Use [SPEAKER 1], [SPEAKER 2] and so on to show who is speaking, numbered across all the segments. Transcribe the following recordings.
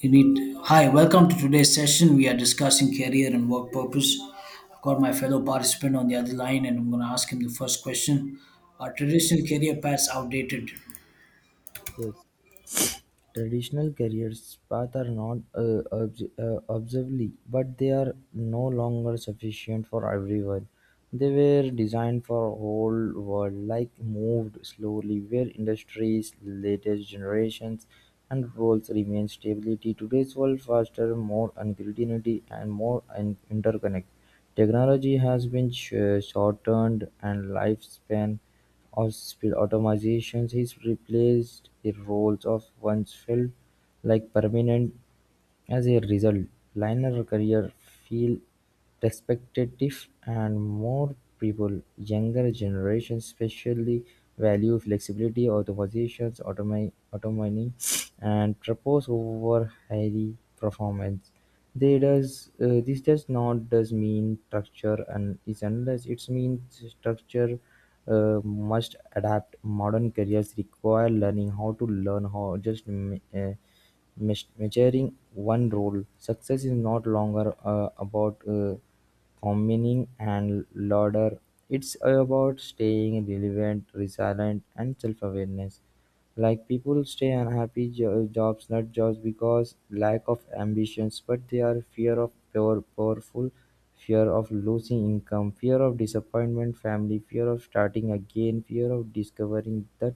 [SPEAKER 1] Indeed. Hi, welcome to today's session. We are discussing career and work purpose. I've got my fellow participant on the other line and I'm going to ask him the first question. Are traditional career paths outdated?
[SPEAKER 2] Yes, traditional careers paths are not obsolete, but they are no longer sufficient for everyone. They were designed for whole world like moved slowly where industries, latest generations and roles remain stability. Today's world faster, more uncertainty and more interconnect. Technology has been shortened and lifespan of automation has replaced the roles of once felt like permanent as a result, liner career feel respectative and more people, younger generations especially, value flexibility, of the positions, autonomy, autonomy and propose over high performance. They does, this does not does mean structure and is unless it means structure must adapt. Modern careers require learning how to learn how just Measuring one role success is not longer about communing and lauder. It's about staying relevant, resilient, and self-awareness. Like people stay unhappy jobs, not jobs because lack of ambitions, but they are fear of powerful, fear of losing income, fear of disappointment, family, fear of starting again, fear of discovering that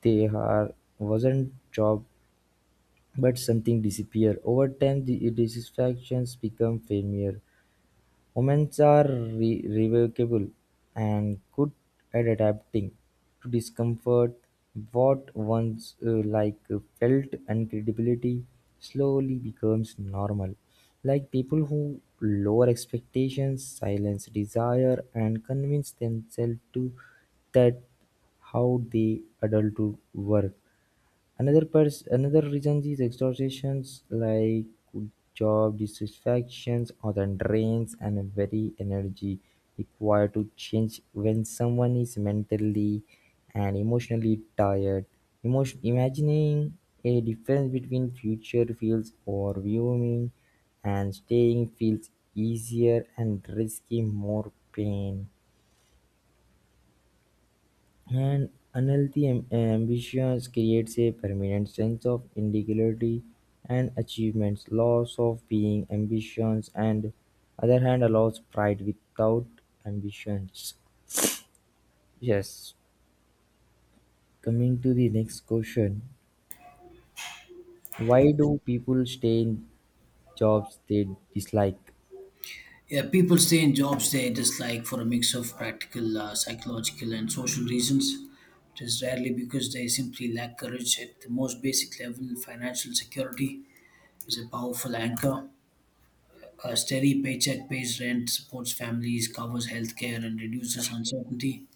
[SPEAKER 2] they are wasn't job but something disappears. Over time, the dissatisfactions become familiar. Humans are revocable and good at adapting to discomfort. What once felt incredibility slowly becomes normal. Like people who lower expectations, silence desire, and convince themselves to that how they adult to work. Another reason is exhaustions like job dissatisfactions often drains and very energy required to change when someone is mentally and emotionally tired. Emotion, imagining a difference between future feels overwhelming and staying feels easier and risky more pain. And unhealthy ambition creates a permanent sense of inadequacy and achievements. Loss of being ambitions and other hand allows pride without ambitions. Yes. Coming to the next question. Why do people stay in jobs they dislike?
[SPEAKER 1] Yeah, people stay in jobs they dislike for a mix of practical, psychological, and social reasons. It is rarely because they simply lack courage. At the most basic level, financial security is a powerful anchor. A steady paycheck pays rent, supports families, covers healthcare, and reduces uncertainty.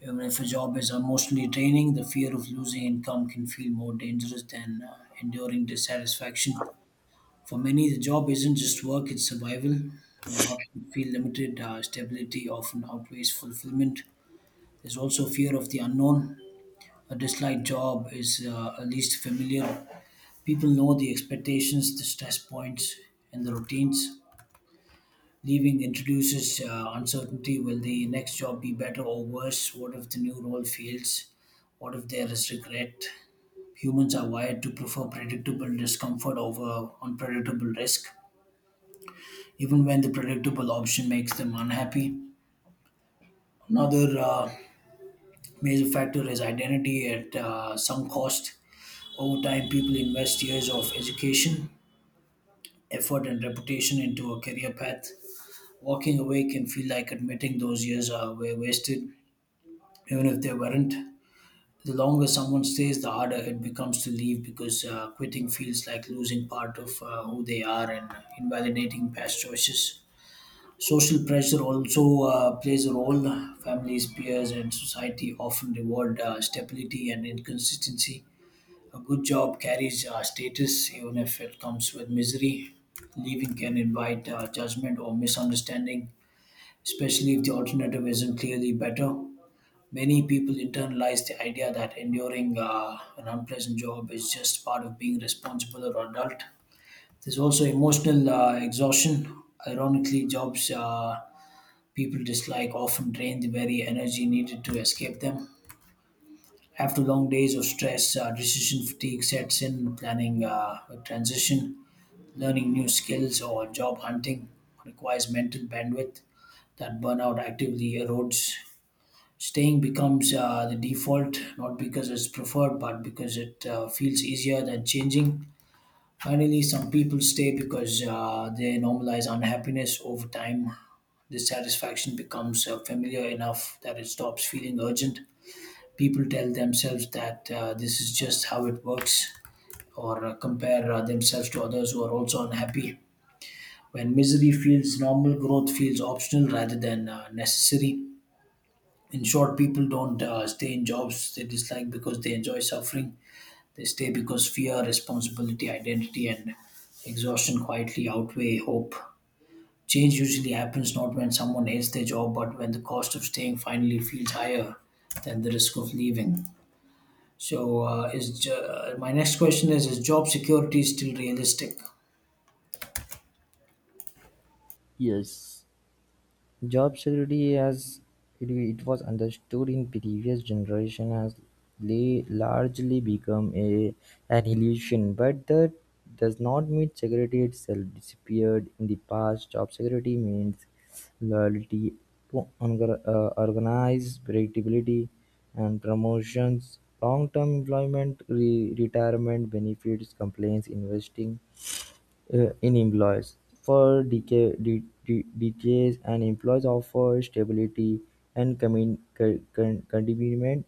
[SPEAKER 1] Even if a job is emotionally draining, the fear of losing income can feel more dangerous than enduring dissatisfaction. For many, the job isn't just work, it's survival. When options feel limited, stability often outweighs fulfillment. There's also fear of the unknown. A disliked job is at least familiar. People know the expectations, the stress points, and the routines. Leaving introduces uncertainty. Will the next job be better or worse? What if the new role fails? What if there is regret? Humans are wired to prefer predictable discomfort over unpredictable risk, even when the predictable option makes them unhappy. Another major factor is identity at some cost. Over time, people invest years of education, effort, and reputation into a career path. Walking away can feel like admitting those years are were wasted, even if they weren't. The longer someone stays, the harder it becomes to leave because quitting feels like losing part of who they are and invalidating past choices. Social pressure also plays a role. Families, peers, and society often reward stability and inconsistency. A good job carries status, even if it comes with misery. Leaving can invite judgment or misunderstanding, especially if the alternative isn't clearly better. Many people internalize the idea that enduring an unpleasant job is just part of being responsible or adult. There's also emotional exhaustion. Ironically, jobs people dislike often drain the very energy needed to escape them. After long days of stress, decision fatigue sets in, planning a transition, learning new skills, or job hunting requires mental bandwidth that burnout actively erodes. Staying becomes the default, not because it's preferred, but because it feels easier than changing. Finally, some people stay because they normalize unhappiness over time. Dissatisfaction becomes familiar enough that it stops feeling urgent. People tell themselves that this is just how it works, or compare themselves to others who are also unhappy. When misery feels normal, growth feels optional rather than necessary. In short, people don't stay in jobs they dislike because they enjoy suffering. They stay because fear, responsibility, identity, and exhaustion quietly outweigh hope. Change usually happens not when someone hates their job, but when the cost of staying finally feels higher than the risk of leaving. So, my next question is job security still realistic?
[SPEAKER 2] Yes. Job security as it was understood in previous generations has largely become an illusion, but that does not mean security itself disappeared in the past. Job security means loyalty to organize, predictability, and promotions, long-term employment, retirement benefits, complaints, investing, in employees. For decades, an employees offer stability and containment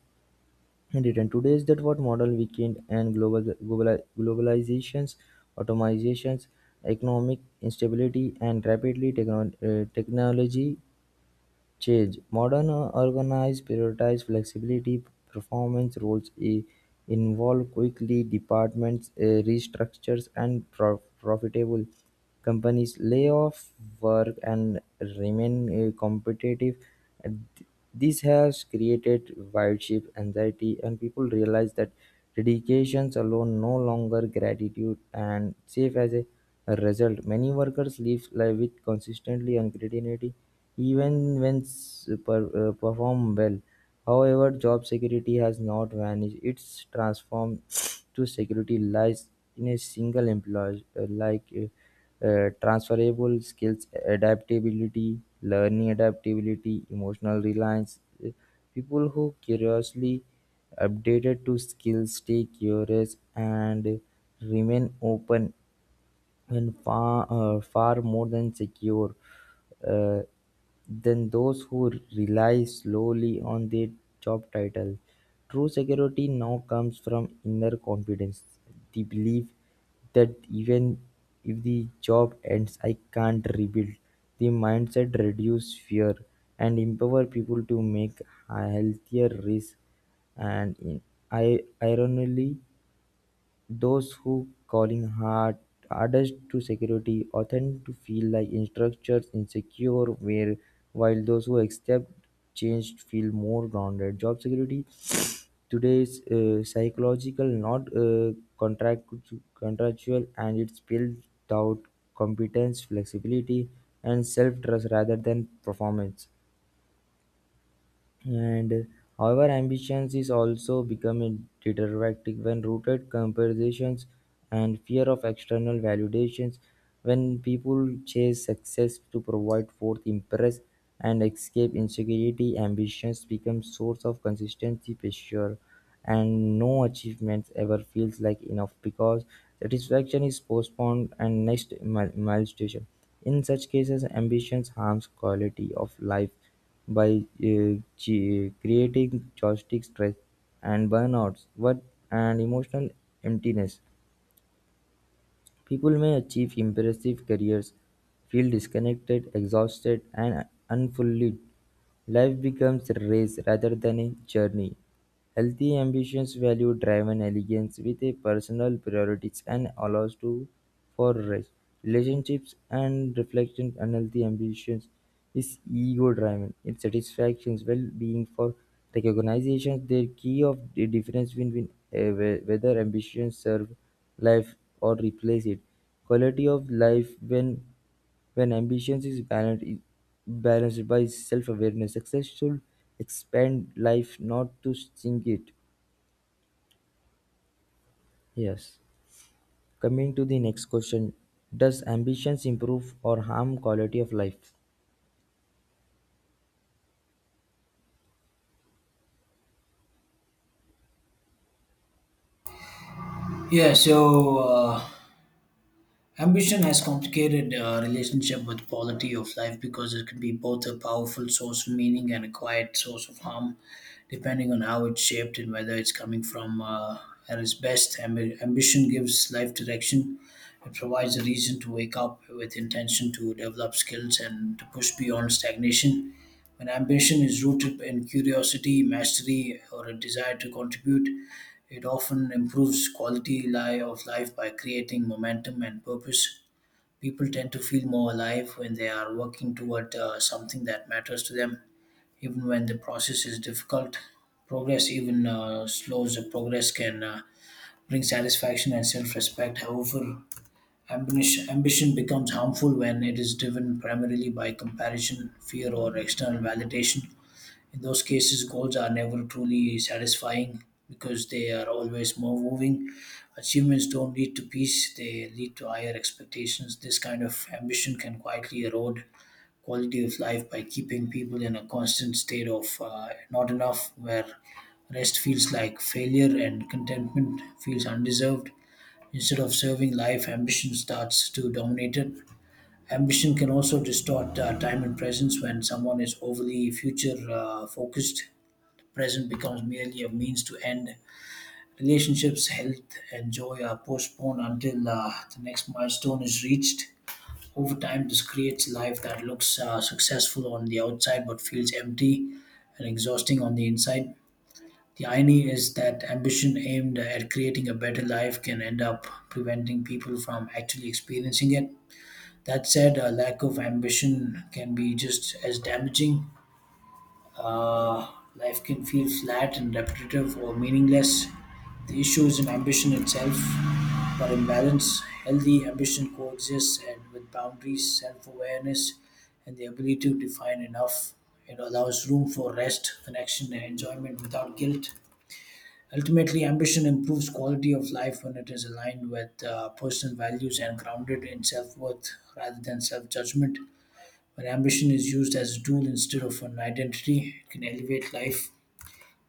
[SPEAKER 2] in return. Today is that what model weekend and global globalizations, automizations, economic instability, and rapidly technology change. Modern organize prioritize flexibility, performance roles involve quickly departments restructures and profitable companies lay off work and remain competitive. And Th- This has created wide shift anxiety, and people realize that dedications alone no longer gratitude and safe as a result, many workers live life with consistently and creativity even when perform well. However, job security has not vanished. It's transformed to security lies in a single employee, transferable skills, adaptability, learning adaptability, emotional reliance. People who curiously updated to skills stay curious and remain open and far more than secure uh, than those who rely slowly on their job title. True security now comes from inner confidence, the belief that even if the job ends, I can't rebuild. The mindset reduces fear and empower people to make healthier risks and in, ironically those who calling hardest to security or tend to feel like structures insecure where while those who accept change feel more grounded. Job security today is psychological, not contract contractual, and it's built out competence, flexibility, and self trust rather than performance. And however, ambitions is also becoming deteriorating when rooted comparisons and fear of external validations. When people chase success to provide forth impress and escape insecurity, ambitions become source of consistency pressure, and no achievements ever feels like enough because satisfaction is postponed and next milestone. In such cases, ambitions harms quality of life by creating joystick stress and burnouts, what and emotional emptiness, people may achieve impressive careers, feel disconnected, exhausted, and unfulfilled. Life becomes a race rather than a journey. Healthy ambitions value drive and elegance with a personal priorities and allows to for rest. Relationships and reflection unhealthy ambitions is ego driven. It satisfactions well being for recognition the key of the difference between whether ambitions serve life or replace it. Quality of life when ambition is balanced by self-awareness, success should expand life, not to sink it. Yes. Coming to the next question, does ambitions improve or harm quality of life?
[SPEAKER 1] Yeah. So. Uh, Ambition has complicated relationship with quality of life because it can be both a powerful source of meaning and a quiet source of harm, depending on how it's shaped and whether it's coming from at its best. Ambition gives life direction. It provides a reason to wake up with intention to develop skills and to push beyond stagnation. When ambition is rooted in curiosity, mastery, or a desire to contribute, it often improves quality of life by creating momentum and purpose. People tend to feel more alive when they are working toward something that matters to them, even when the process is difficult. Progress, even slows progress, can bring satisfaction and self respect. However, ambition becomes harmful when it is driven primarily by comparison, fear, or external validation. In those cases, goals are never truly satisfying because they are always more moving. Achievements don't lead to peace, they lead to higher expectations. This kind of ambition can quietly erode quality of life by keeping people in a constant state of not enough, where rest feels like failure and contentment feels undeserved. Instead of serving life, ambition starts to dominate it. Ambition can also distort time and presence when someone is overly future focused present becomes merely a means to end. Relationships, health, and joy are postponed until the next milestone is reached. Over time, this creates a life that looks successful on the outside but feels empty and exhausting on the inside. The irony is that ambition aimed at creating a better life can end up preventing people from actually experiencing it. That said, a lack of ambition can be just as damaging. uh, Life can feel flat and repetitive or meaningless. The issue isn't ambition itself, but imbalance. Healthy ambition coexists and with boundaries, self awareness, and the ability to define enough. It allows room for rest, connection, and enjoyment without guilt. Ultimately, ambition improves quality of life when it is aligned with personal values and grounded in self worth rather than self judgment. When ambition is used as a tool instead of an identity, it can elevate life.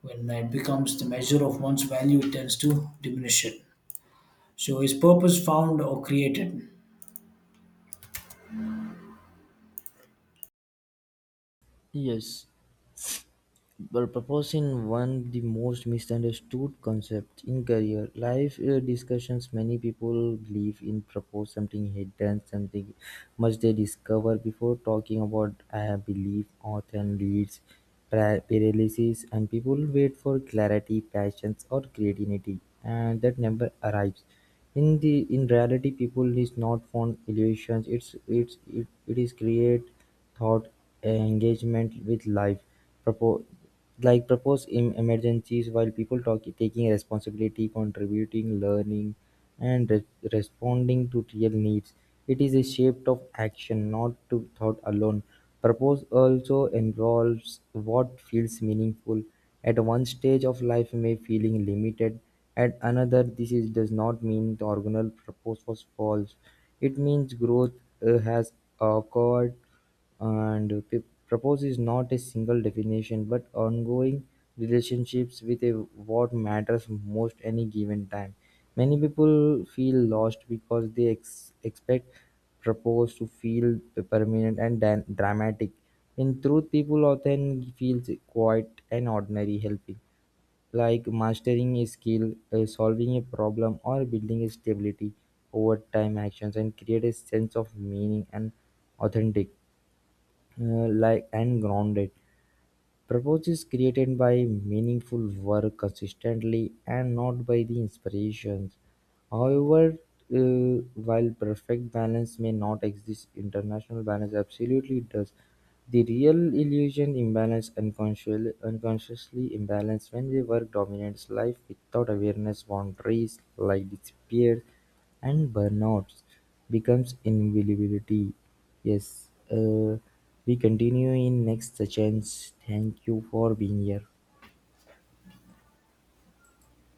[SPEAKER 1] When it becomes the measure of one's value, it tends to diminish it. So, is purpose found or created?
[SPEAKER 2] Yes, well, proposing one the most misunderstood concept in career life discussions many people believe in propose something hidden something much they discover before talking about I believe often leads paralysis and people wait for clarity passions or creativity and that never arrives in reality people is not fond illusions, it is create thought engagement with life. Propose like propose in emergencies while people talk taking responsibility, contributing, learning and responding to real needs. It is a shape of action, not to thought alone. Propose also involves what feels meaningful at one stage of life may feeling limited, at another this is, does not mean the organal purpose was false. It means growth has occurred and p- purpose is not a single definition but ongoing relationships with a, what matters most any given time. Many people feel lost because they expect proposed to feel permanent and dramatic. In truth, people often feel quite an ordinary helping, like mastering a skill, solving a problem, or building a stability over time actions and create a sense of meaning and authentic, like and grounded. Purpose is created by meaningful work consistently and not by the inspirations. However, while perfect balance may not exist, international balance absolutely does. The real illusion imbalance unconsciously imbalance when we work dominates life without awareness boundaries like disappear and burnout becomes inevitability. Yes, we continue in next sessions. Thank you for being here.